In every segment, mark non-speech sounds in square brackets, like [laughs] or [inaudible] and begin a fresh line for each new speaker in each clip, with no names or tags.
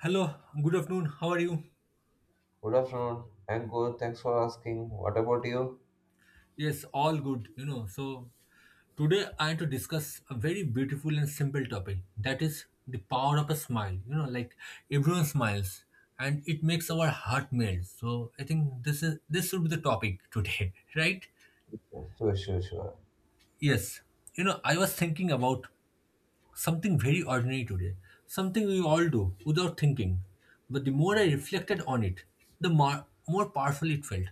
Hello, good afternoon. How are you?
Good afternoon. I'm good. Thanks for asking. What about you?
Yes, all good, you know. So, today I am to discuss a very beautiful and simple topic that is the power of a smile. You know, like everyone smiles and it makes our heart melt. So, I think this should be the topic today, [laughs] right?
Sure, sure, sure.
Yes, you know, I was thinking about something very ordinary today, something we all do without thinking. But the more I reflected on it, the more powerful it felt.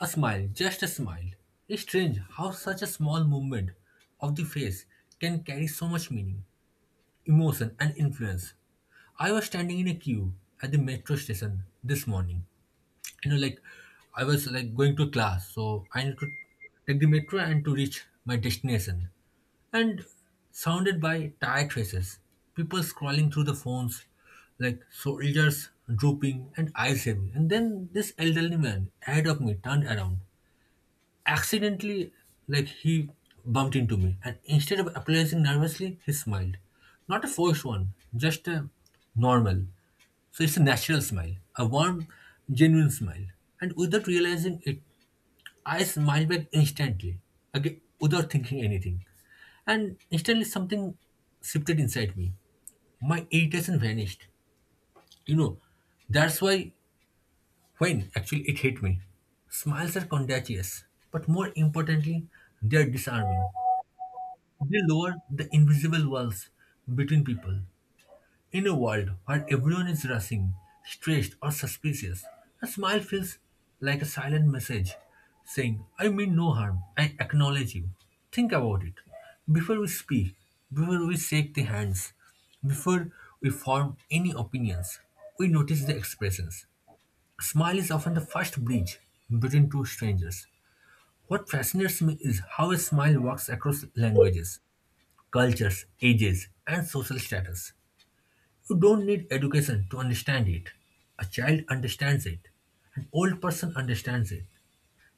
A smile, just a smile. It's strange how such a small movement of the face can carry so much meaning, emotion, and influence. I was standing in a queue at the metro station this morning. You know, like I was like going to class, so I need to take the metro and to reach my destination. And surrounded by tired faces, people scrolling through the phones, like soldiers drooping and eyes heavy. And then this elderly man ahead of me turned around accidentally, like he bumped into me, and instead of apologizing nervously he smiled, not a forced one, just a normal, so it's a natural smile, a warm, genuine smile. And without realizing it, I smiled back instantly, again without thinking anything, and instantly something shifted inside me. My irritation vanished, you know, that's why when actually it hit me, smiles are contagious, but more importantly, they are disarming. They lower the invisible walls between people. In a world where everyone is rushing, stressed, or suspicious, a smile feels like a silent message saying, I mean no harm, I acknowledge you. Think about it. Before we speak, before we shake the hands, before we form any opinions, we notice the expressions. A smile is often the first bridge between two strangers. What fascinates me is how a smile walks across languages, cultures, ages, and social status. You don't need education to understand it. A child understands it. An old person understands it.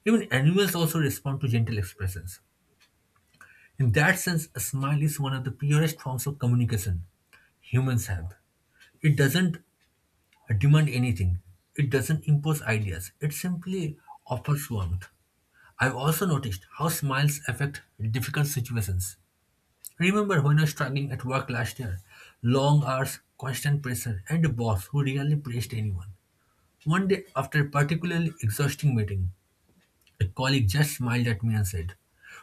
Even animals also respond to gentle expressions. In that sense, a smile is one of the purest forms of communication humans have. It doesn't demand anything. It doesn't impose ideas, it simply offers warmth. I've also noticed how smiles affect difficult situations. Remember when I was struggling at work last year? Long hours, constant pressure, and a boss who really praised anyone. One day, after a particularly exhausting meeting, a colleague just smiled at me and said,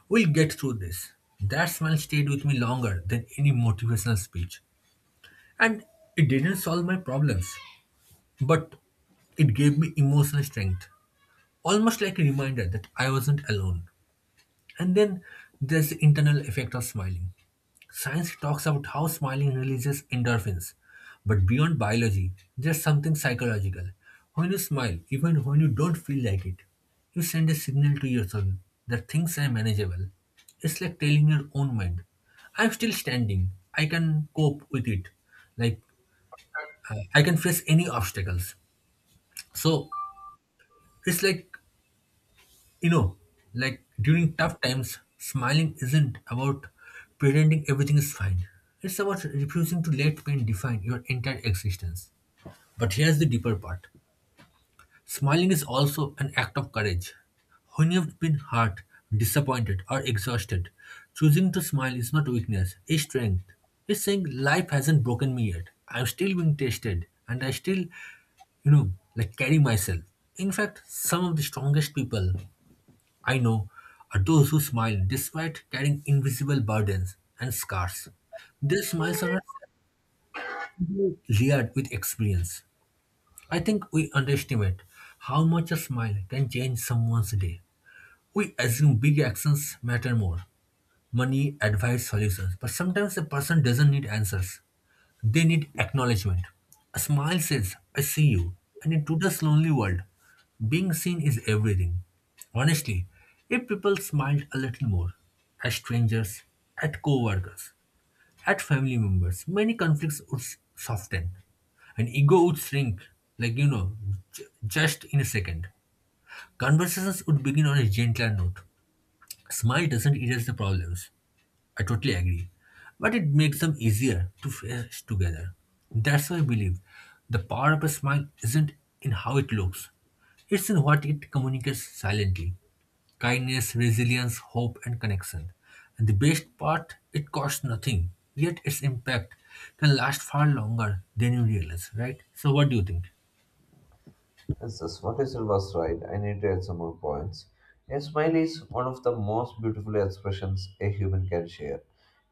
we'll get through this. That smile stayed with me longer than any motivational speech. And it didn't solve my problems, but it gave me emotional strength, almost like a reminder that I wasn't alone. And then there's the internal effect of smiling. Science talks about how smiling releases endorphins. But beyond biology, there's something psychological. When you smile, even when you don't feel like it, you send a signal to your soul that things are manageable. It's like telling your own mind, I'm still standing, I can cope with it, like I can face any obstacles. So, it's like, you know, like during tough times, smiling isn't about pretending everything is fine. It's about refusing to let pain define your entire existence. But here's the deeper part, smiling is also an act of courage. When you've been hurt, disappointed, or exhausted, choosing to smile is not weakness, it's strength. It's saying life hasn't broken me yet. I'm still being tested, and I still, you know, like carry myself. In fact, some of the strongest people I know are those who smile despite carrying invisible burdens and scars. Their smiles are not simply layered with experience. I think we underestimate how much a smile can change someone's day. We assume big actions matter more, money advice, solutions, but sometimes a person doesn't need answers. They need acknowledgement. A smile says, I see you. And in today's lonely world, being seen is everything. Honestly, if people smiled a little more, at strangers, at co workers, at family members, many conflicts would soften and ego would shrink, like you know, just in a second. Conversations would begin on a gentler note. Smile doesn't erase the problems, I totally agree. But it makes them easier to face together. That's why I believe the power of a smile isn't in how it looks, it's in what it communicates silently, kindness, resilience, hope, and connection. And the best part, it costs nothing, yet its impact can last far longer than you realize, right? So, what do you think?
Yes, yes, what is it was right. I need to add some more points. A smile is one of the most beautiful expressions a human can share.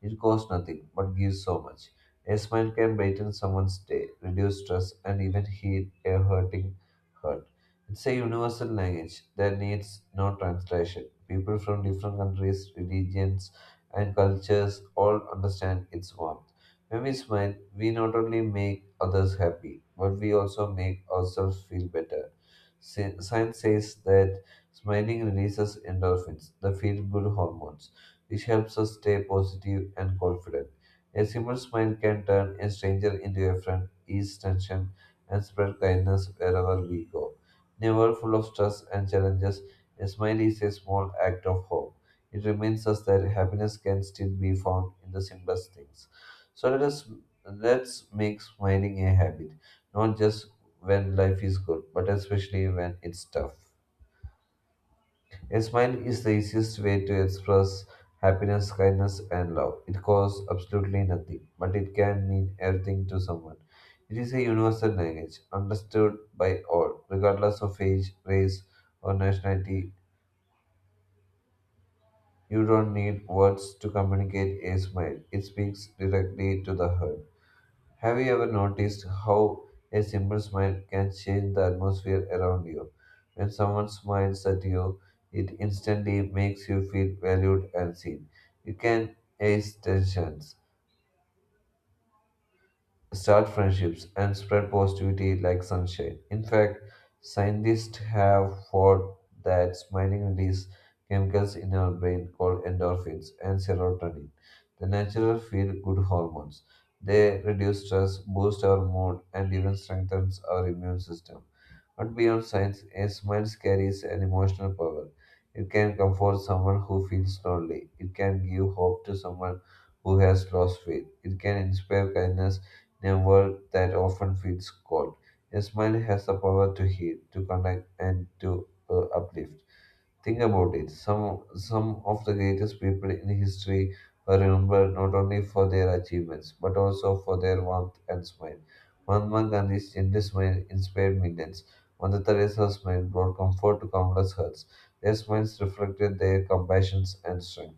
It costs nothing but gives so much. A smile can brighten someone's day, reduce stress, and even heal a hurting heart. It's a universal language that needs no translation. People from different countries, religions, and cultures all understand its warmth. When we smile, we not only make others happy, but we also make ourselves feel better. Science says that smiling releases endorphins, the feel good hormones, which helps us stay positive and confident. A simple smile can turn a stranger into a friend, ease tension, and spread kindness wherever we go. In a world full of stress and challenges, a smile is a small act of hope. It reminds us that happiness can still be found in the simplest things. So let us let's make smiling a habit, not just when life is good, but especially when it's tough. A smile is the easiest way to express happiness, kindness, and love. It costs absolutely nothing, but it can mean everything to someone. It is a universal language, understood by all, regardless of age, race, or nationality. You don't need words to communicate a smile. It speaks directly to the heart. Have you ever noticed how a simple smile can change the atmosphere around you? When someone smiles at you, it instantly makes you feel valued and seen. You can ease tensions, start friendships, and spread positivity like sunshine. In fact, scientists have found that smiling releases chemicals in our brain called endorphins and serotonin, the natural feel-good hormones. They reduce stress, boost our mood, and even strengthens our immune system. But beyond science, a smile carries an emotional power. It can comfort someone who feels lonely. It can give hope to someone who has lost faith. It can inspire kindness in a world that often feels cold. A smile has the power to heal, to connect, and to uplift. Think about it. Some of the greatest people in history were remembered not only for their achievements but also for their warmth and smile. Mahatma Gandhi's gentle smile inspired millions. Mother Teresa's smile brought comfort to countless hearts. Their smiles reflected their compassion and strength.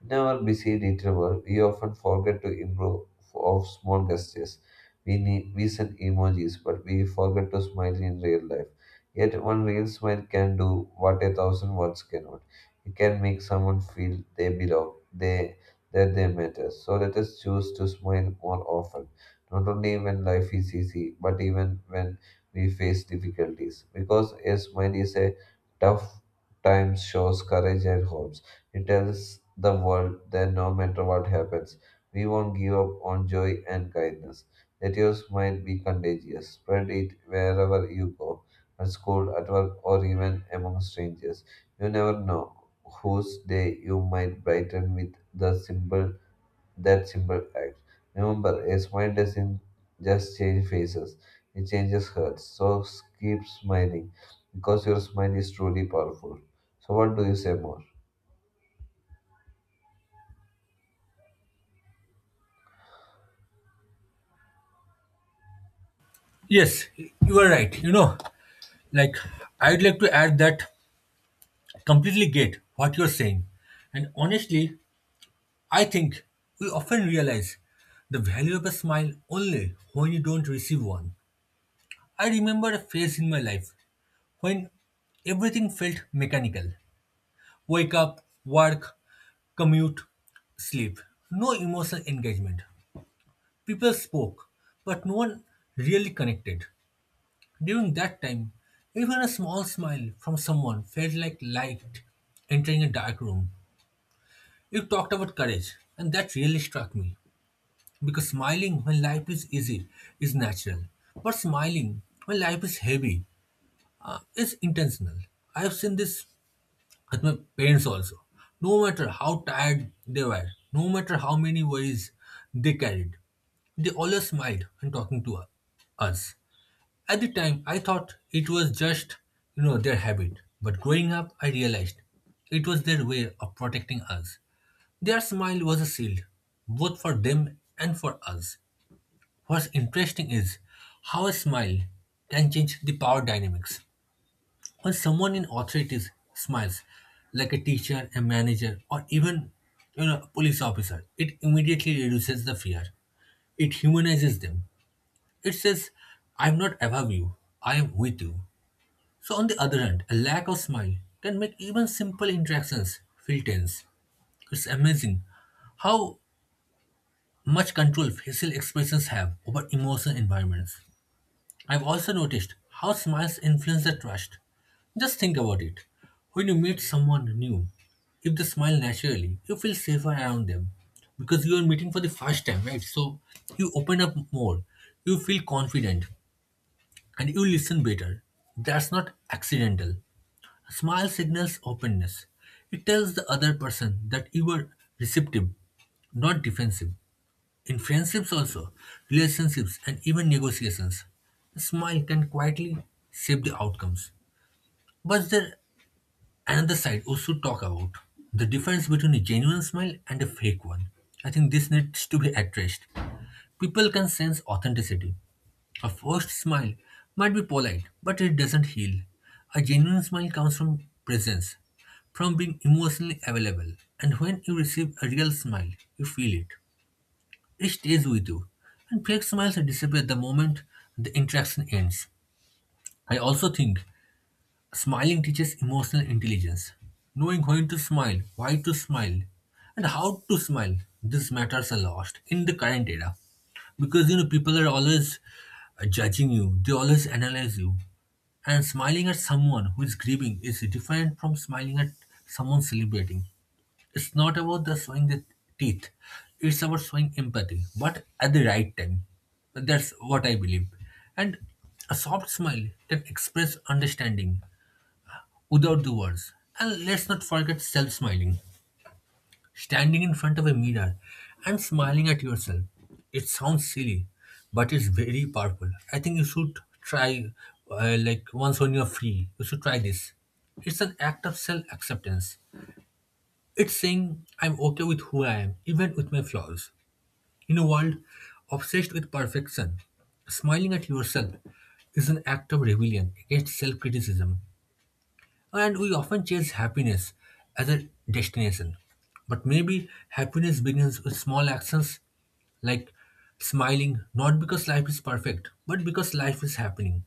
In our busy retail world, we often forget to improve of small gestures. We send emojis, but we forget to smile in real life. Yet one real smile can do what a thousand words cannot. It can make someone feel they belong, they that they matter. So let us choose to smile more often, not only when life is easy, but even when we face difficulties. Because a smile is a tough time shows courage and hope. It tells the world that no matter what happens, we won't give up on joy and kindness. That your smile be contagious. Spread it wherever you go, at school, at work, or even among strangers. You never know whose day you might brighten with the simple that simple act. Remember, a smile doesn't just change faces; it changes hearts. So keep smiling, because your smile is truly powerful. So, what do you say more?
Yes, you are right. You know, like I'd like to add that completely get what you're saying. And honestly, I think we often realize the value of a smile only when you don't receive one. I remember a phase in my life when everything felt mechanical, wake up, work, commute, sleep. No emotional engagement. People spoke, but no one really connected. During that time, even a small smile from someone felt like light entering a dark room. You talked about courage, and that really struck me. Because smiling when life is easy is natural, but smiling when life is heavy is intentional. I have seen this with my parents also. No matter how tired they were, no matter how many worries they carried, they always smiled when talking to us. At the time, I thought it was just, you know, their habit. But growing up, I realized it was their way of protecting us. Their smile was a shield, both for them and for us. What's interesting is how a smile can change the power dynamics. When someone in authority smiles, like a teacher, a manager, or even you know, a police officer, it immediately reduces the fear. It humanizes them. It says, I'm not above you, I am with you. So, on the other hand, a lack of smile can make even simple interactions feel tense. It's amazing how much control facial expressions have over emotional environments. I've also noticed how smiles influence the trust. Just think about it. When you meet someone new, if they smile naturally, you feel safer around them because you are meeting for the first time, right? So you open up more, you feel confident, and you listen better. That's not accidental. A smile signals openness. It tells the other person that you are receptive, not defensive. In friendships also, relationships and even negotiations, a smile can quietly shape the outcomes. But there another side we should talk about. The difference between a genuine smile and a fake one. I think this needs to be addressed. People can sense authenticity. A forced smile might be polite, but it doesn't heal. A genuine smile comes from presence, from being emotionally available, and when you receive a real smile, you feel it. It stays with you, and fake smiles disappear the moment the interaction ends. I also think smiling teaches emotional intelligence. Knowing when to smile, why to smile, and how to smile, these matters are lost in the current era. Because you know, people are always judging you, they always analyze you. And smiling at someone who is grieving is different from smiling at someone celebrating. It's not about the showing the teeth. It's about showing empathy, but at the right time. That's what I believe. And a soft smile can express understanding without the words. And let's not forget self smiling. Standing in front of a mirror and smiling at yourself. It sounds silly, but it's very powerful. I think you should try, like, once when you're free, you should try this. It's an act of self acceptance. It's saying I'm okay with who I am, even with my flaws. In a world obsessed with perfection, smiling at yourself is an act of rebellion against self criticism. And we often chase happiness as a destination. But maybe happiness begins with small actions like smiling, not because life is perfect, but because life is happening.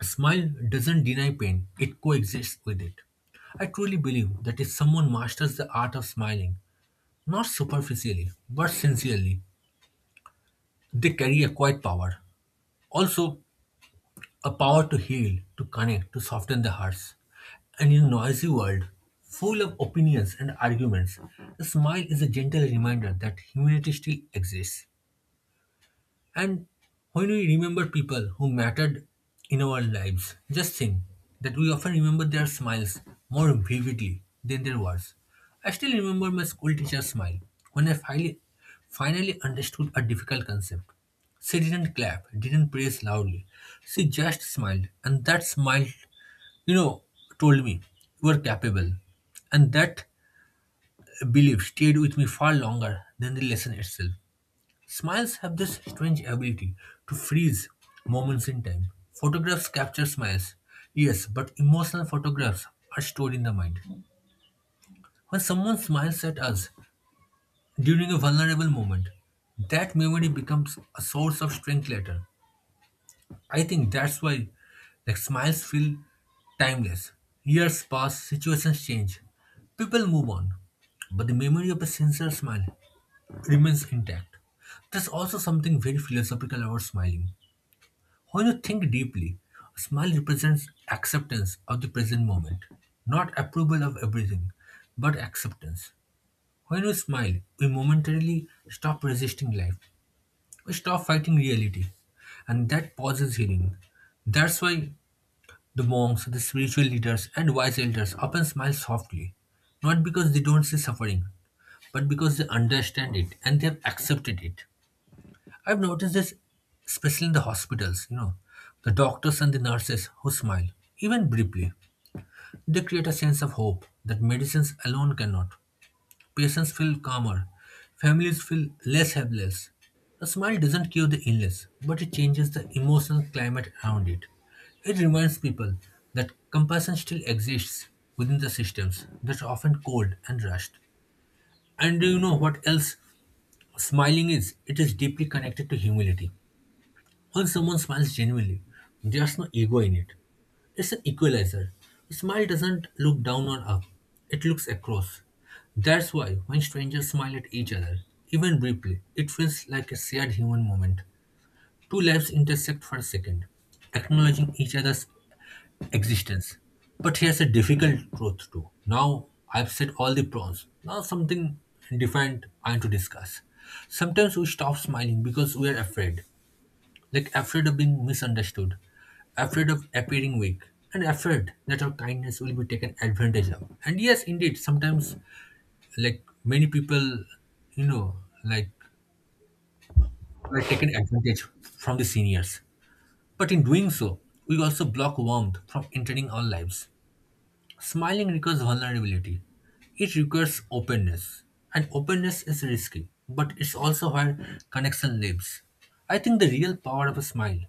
A smile doesn't deny pain, it coexists with it. I truly believe that if someone masters the art of smiling, not superficially, but sincerely, they carry a quiet power. Also, a power to heal, to connect, to soften the hearts. And in a noisy world, full of opinions and arguments, a smile is a gentle reminder that humanity still exists. And when we remember people who mattered in our lives, just think that we often remember their smiles more vividly than their words. I still remember my school teacher's smile when I finally understood a difficult concept. She didn't clap, didn't praise loudly. She just smiled, and that smile, you know, told me you are capable. And that belief stayed with me far longer than the lesson itself. Smiles have this strange ability to freeze moments in time. Photographs capture smiles, yes, but emotional photographs are stored in the mind. When someone smiles at us during a vulnerable moment, that memory becomes a source of strength later. I think that's why smiles feel timeless. Years pass, situations change, people move on, but the memory of a sincere smile remains intact. There's also something very philosophical about smiling. When you think deeply, a smile represents acceptance of the present moment, not approval of everything, but acceptance. When we smile, we momentarily stop resisting life, we stop fighting reality, and that pauses healing. That's why the monks, the spiritual leaders, and wise elders often smile softly, not because they don't see suffering, but because they understand it and they have accepted it. I've noticed this especially in the hospitals, the doctors and the nurses who smile, even briefly. They create a sense of hope that medicines alone cannot. Patients feel calmer, families feel less helpless. A smile doesn't cure the illness, but it changes the emotional climate around it. It reminds people that compassion still exists within the systems that are often cold and rushed. And do you know what else smiling is? It is deeply connected to humility. When someone smiles genuinely, there's no ego in it. It's an equalizer. A smile doesn't look down or up, it looks across. That's why when strangers smile at each other, even briefly, it feels like a shared human moment. Two lives intersect for a second, acknowledging each other's existence. But here's a difficult truth too. Now I've said all the pros. Now something different I want to discuss. Sometimes we stop smiling because we are afraid. Like afraid of being misunderstood, afraid of appearing weak, and afraid that our kindness will be taken advantage of. And yes, indeed, sometimes many people, you know, like were taken advantage from the seniors. But in doing so, we also block warmth from entering our lives. Smiling requires vulnerability. It requires openness. And openness is risky, but it's also where connection lives. I think the real power of a smile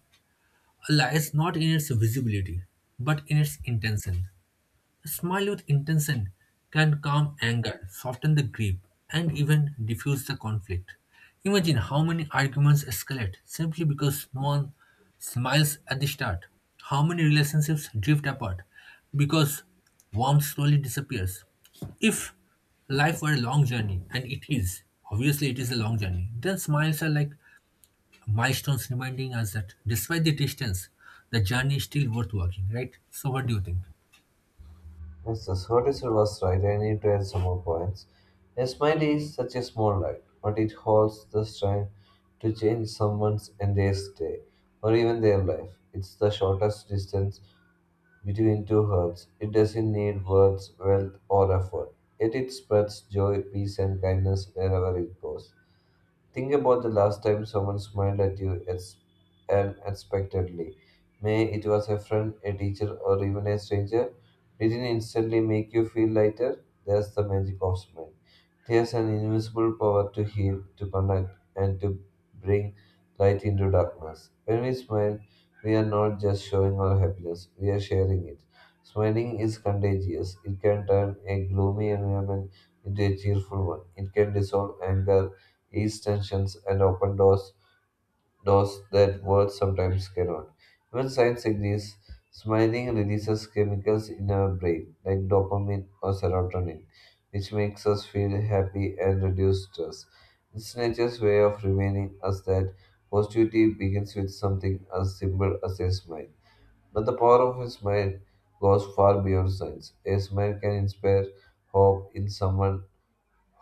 lies not in its visibility, but in its intention. A smile with intention can calm anger, soften the grief, and even diffuse the conflict. Imagine how many arguments escalate simply because no one smiles at the start. How many relationships drift apart because warmth slowly disappears. If life were a long journey, and it is, obviously it is a long journey, then smiles are like milestones reminding us that despite the distance, the journey is still worth walking, right? So, what do you think?
Yes, the sortie was right. I need to add some more points. A smile is such a small light, but it holds the strength to change someone's entire day or even their life. It's the shortest distance between two hearts. It doesn't need words, wealth, or effort. Yet it spreads joy, peace, and kindness wherever it goes. Think about the last time someone smiled at you unexpectedly. May it was a friend, a teacher, or even a stranger. Did it instantly make you feel lighter? That's the magic of smile. It has an invincible power to heal, to connect, and to bring light into darkness. When we smile, we are not just showing our happiness, we are sharing it. Smiling is contagious. It can turn a gloomy environment into a cheerful one. It can dissolve anger, ease tensions, and open doors, doors that words sometimes cannot. Even science agrees smiling releases chemicals in our brain, like dopamine or serotonin, which makes us feel happy and reduce stress. It's nature's way of reminding us that positivity begins with something as simple as a smile. But the power of a smile goes far beyond science. A smile can inspire hope in someone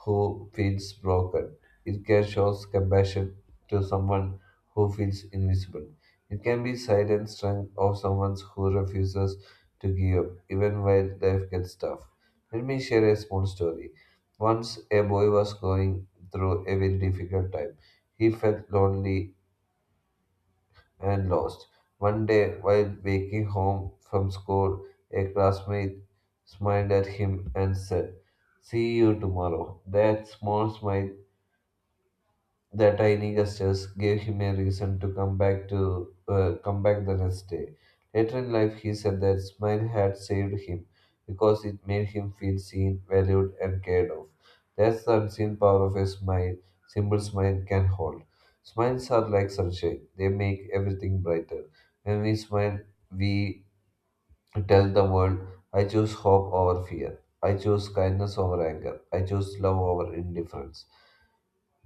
who feels broken. It can show compassion to someone who feels invisible. It can be silent strength of someone who refuses to give up, even when life gets tough. Let me share a small story. Once a boy was going through a very difficult time. He felt lonely and lost. One day, while walking home from school, a classmate smiled at him and said, "See you tomorrow." That small smile, their tiny gestures gave him a reason to come back the next day. Later in life, he said that smile had saved him because it made him feel seen, valued, and cared of. That's the unseen power of a smile. Simple smile can hold. Smiles are like sunshine; they make everything brighter. When we smile, we tell the world, "I choose hope over fear. I choose kindness over anger. I choose love over indifference."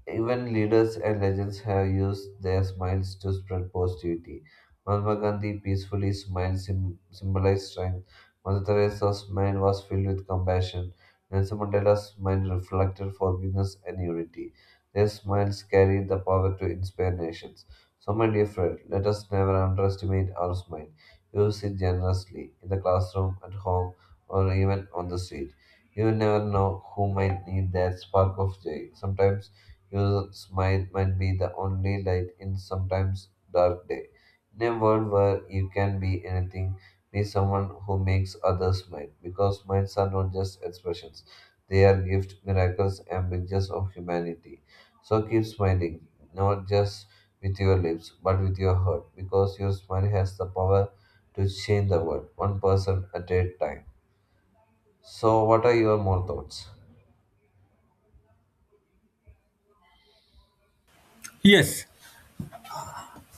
Even leaders and legends have used their smiles to spread positivity. Mahatma Gandhi peacefully smiled, symbolized strength. Mother Teresa's mind was filled with compassion. Nelson Mandela's mind reflected forgiveness and unity. Their smiles carry the power to inspire nations. So, my dear friend, let us never underestimate our smile. Use it generously in the classroom, at home, or even on the street. You never know who might need that spark of joy. Sometimes your smile might be the only light in sometimes dark day. In a world where you can be anything, be someone who makes others smile. Because smiles are not just expressions, they are gifts, miracles, and pictures of humanity. So keep smiling, not just with your lips, but with your heart, because your smile has the power to change the world, one person at a time. So, what are your more thoughts?
Yes,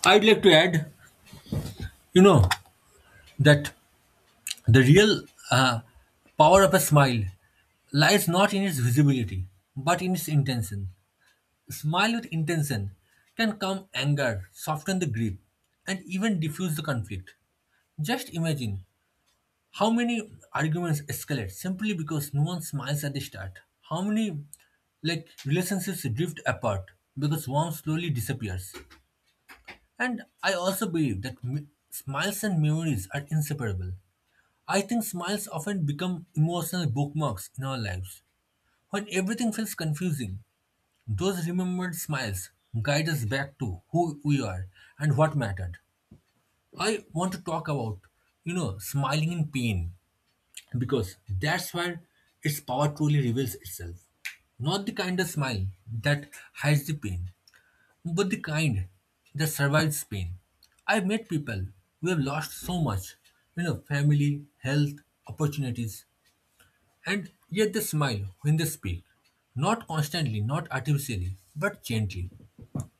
I'd like to add, you know, that the real uh, power of a smile lies not in its visibility, but in its intention. Smile with intention can calm anger, soften the grip, and even diffuse the conflict. Just imagine how many arguments escalate simply because no one smiles at the start? How many relationships drift apart because one slowly disappears? And I also believe that smiles and memories are inseparable. I think smiles often become emotional bookmarks in our lives. When everything feels confusing, those remembered smiles guide us back to who we are and what mattered. I want to talk about smiling in pain because that's where its power truly reveals itself. Not the kind of smile that hides the pain, but the kind that survives pain. I've met people who have lost so much, family, health, opportunities, and yet they smile when they speak. Not constantly, not artificially, but gently.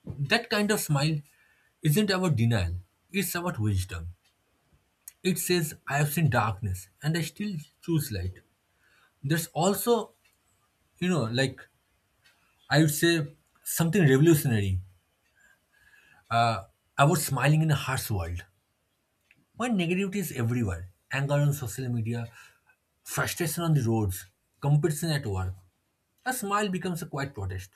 That kind of smile isn't about denial, it's about wisdom. It says, I have seen darkness and I still choose light. There's also you know, like I would say something revolutionary. Uh, about smiling in a harsh world. When negativity is everywhere, anger on social media, frustration on the roads, competition at work, a smile becomes a quiet protest.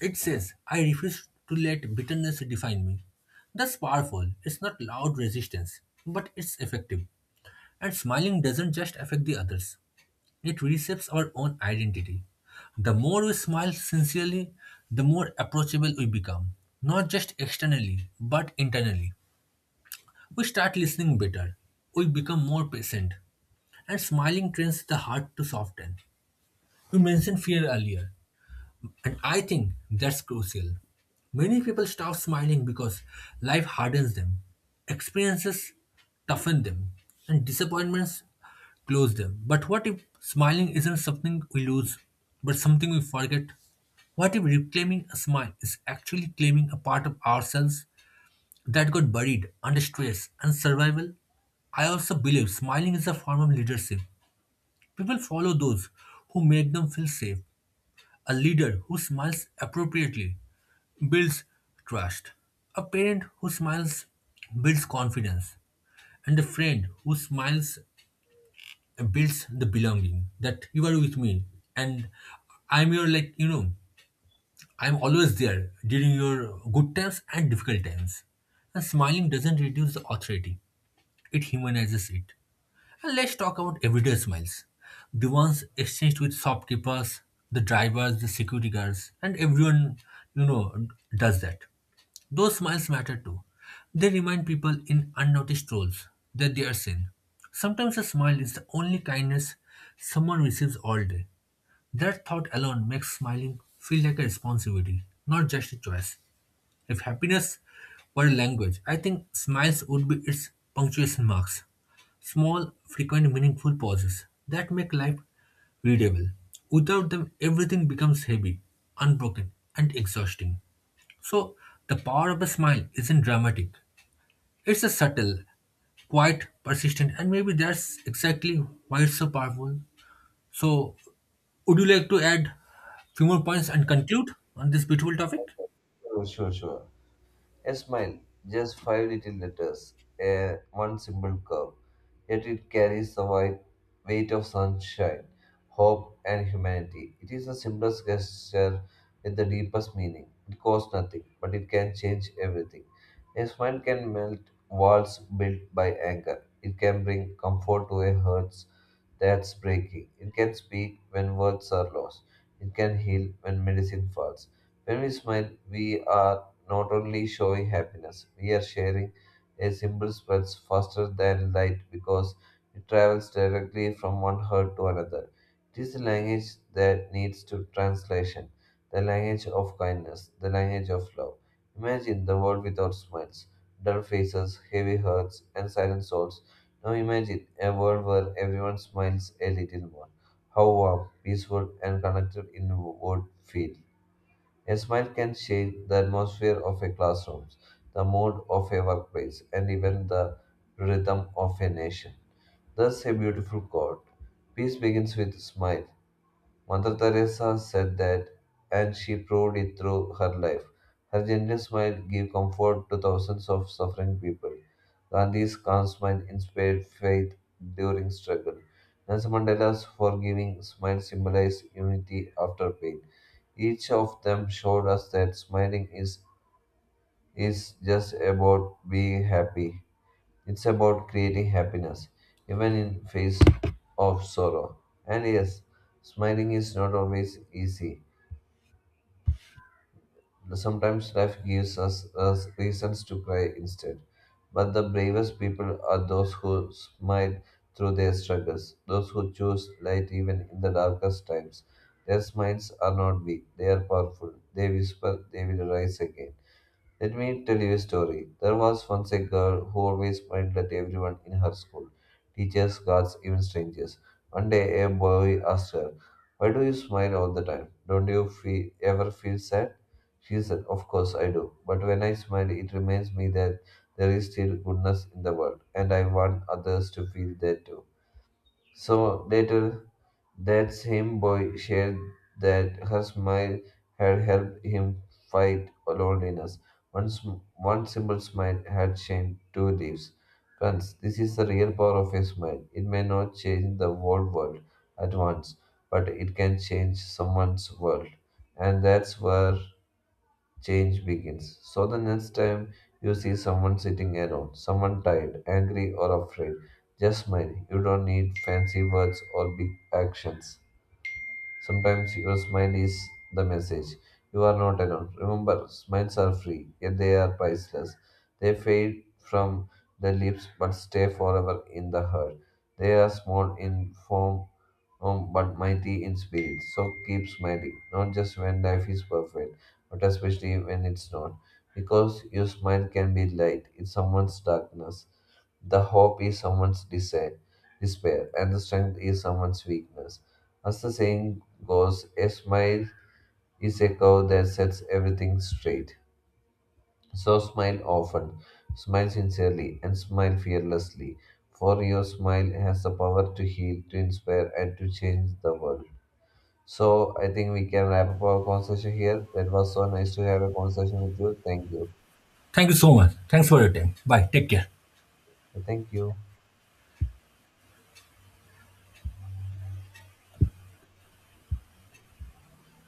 It says, I refuse to let bitterness define me. That's powerful. It's not loud resistance, but it's effective. And smiling doesn't just affect the others. It reshapes our own identity. The more we smile sincerely, the more approachable we become, not just externally, but internally. We start listening better, we become more patient, and smiling trains the heart to soften. You mentioned fear earlier. And I think that's crucial. Many people stop smiling because life hardens them, experiences toughen them, and disappointments close them. But what if smiling isn't something we lose, but something we forget? What if reclaiming a smile is actually claiming a part of ourselves that got buried under stress and survival? I also believe smiling is a form of leadership. People follow those who make them feel safe, a leader who smiles appropriately builds trust. A parent who smiles builds confidence. And a friend who smiles builds the belonging that you are with me and I'm your, like, you know, I'm always there during your good times and difficult times. And smiling doesn't reduce the authority, it humanizes it. And let's talk about everyday smiles. The ones exchanged with shopkeepers, the drivers, the security guards, and everyone you know does that. Those smiles matter too. They remind people in unnoticed roles that they are seen. Sometimes a smile is the only kindness someone receives all day. That thought alone makes smiling feel like a responsibility, not just a choice. If happiness were a language, I think smiles would be its punctuation marks. Small, frequent, meaningful pauses that make life readable. Without them, everything becomes heavy, unbroken, and exhausting. So, the power of a smile isn't dramatic. It's a subtle, quiet, persistent, and maybe that's exactly why it's so powerful. So, would you like to add few more points and conclude on this beautiful topic?
Sure, sure. A smile, just five little letters, a one simple curve yet it carries the wide weight of sunshine, hope, and humanity. It is the simplest gesture with the deepest meaning. It costs nothing, but it can change everything. A smile can melt walls built by anger. It can bring comfort to a heart that's breaking. It can speak when words are lost. It can heal when medicine fails. When we smile, we are not only showing happiness, we are sharing a symbol spreads faster than light because it travels directly from one heart to another. It is a language that needs to translation, the language of kindness, the language of love. Imagine the world without smiles, dull faces, heavy hearts, and silent souls. Now imagine a world where everyone smiles a little more. How warm, peaceful, and connected it would feel. A smile can change the atmosphere of a classroom, the mood of a workplace, and even the rhythm of a nation. Thus, a beautiful quote. "Peace begins with a smile." Mother Teresa said that, and she proved it through her life. Her gentle smile gave comfort to thousands of suffering people. Gandhi's calm smile inspired faith during struggle. Nelson Mandela's forgiving smile symbolized unity after pain. Each of them showed us that is just about being happy. It's about creating happiness, even in face of sorrow. And yes, smiling is not always easy. Sometimes life gives us reasons to cry instead. But the bravest people are those who smile through their struggles, those who choose light even in the darkest times. Their smiles are not weak, they are powerful. They whisper, they will rise again. Let me tell you a story. There was once a girl who always smiled at everyone in her school teachers, guards, even strangers. One day, a boy asked her, "Why do you smile all the time? Don't you feel, ever feel sad?" She said, "Of course I do. But when I smile, it reminds me that there is still goodness in the world, and I want others to feel that too." So later that same boy shared that her smile had helped him fight loneliness. One simple smile had changed two lives. Friends, this is the real power of a smile. It may not change the whole world at once, but it can change someone's world. And that's where change begins. So the next time you see someone sitting alone, someone tired, angry, or afraid, just smile. You don't need fancy words or big actions. Sometimes your smile is the message. You are not alone. Remember, smiles are free, yet they are priceless. They fade from the lips but stay forever in the heart. They are small in form, but mighty in spirit. So keep smiling, not just when life is perfect, but especially when it's not. Because your smile can be light in someone's darkness. The hope is someone's desire, despair, and the strength is someone's weakness. As the saying goes, a smile is a curve that sets everything straight. So smile often, smile sincerely, and smile fearlessly. For your smile has the power to heal, to inspire, and to change the world. So I think we can wrap up our conversation here. That was so nice to have a conversation with you. Thank you.
Thank you so much. Thanks for your time. Bye. Take care.
Thank you.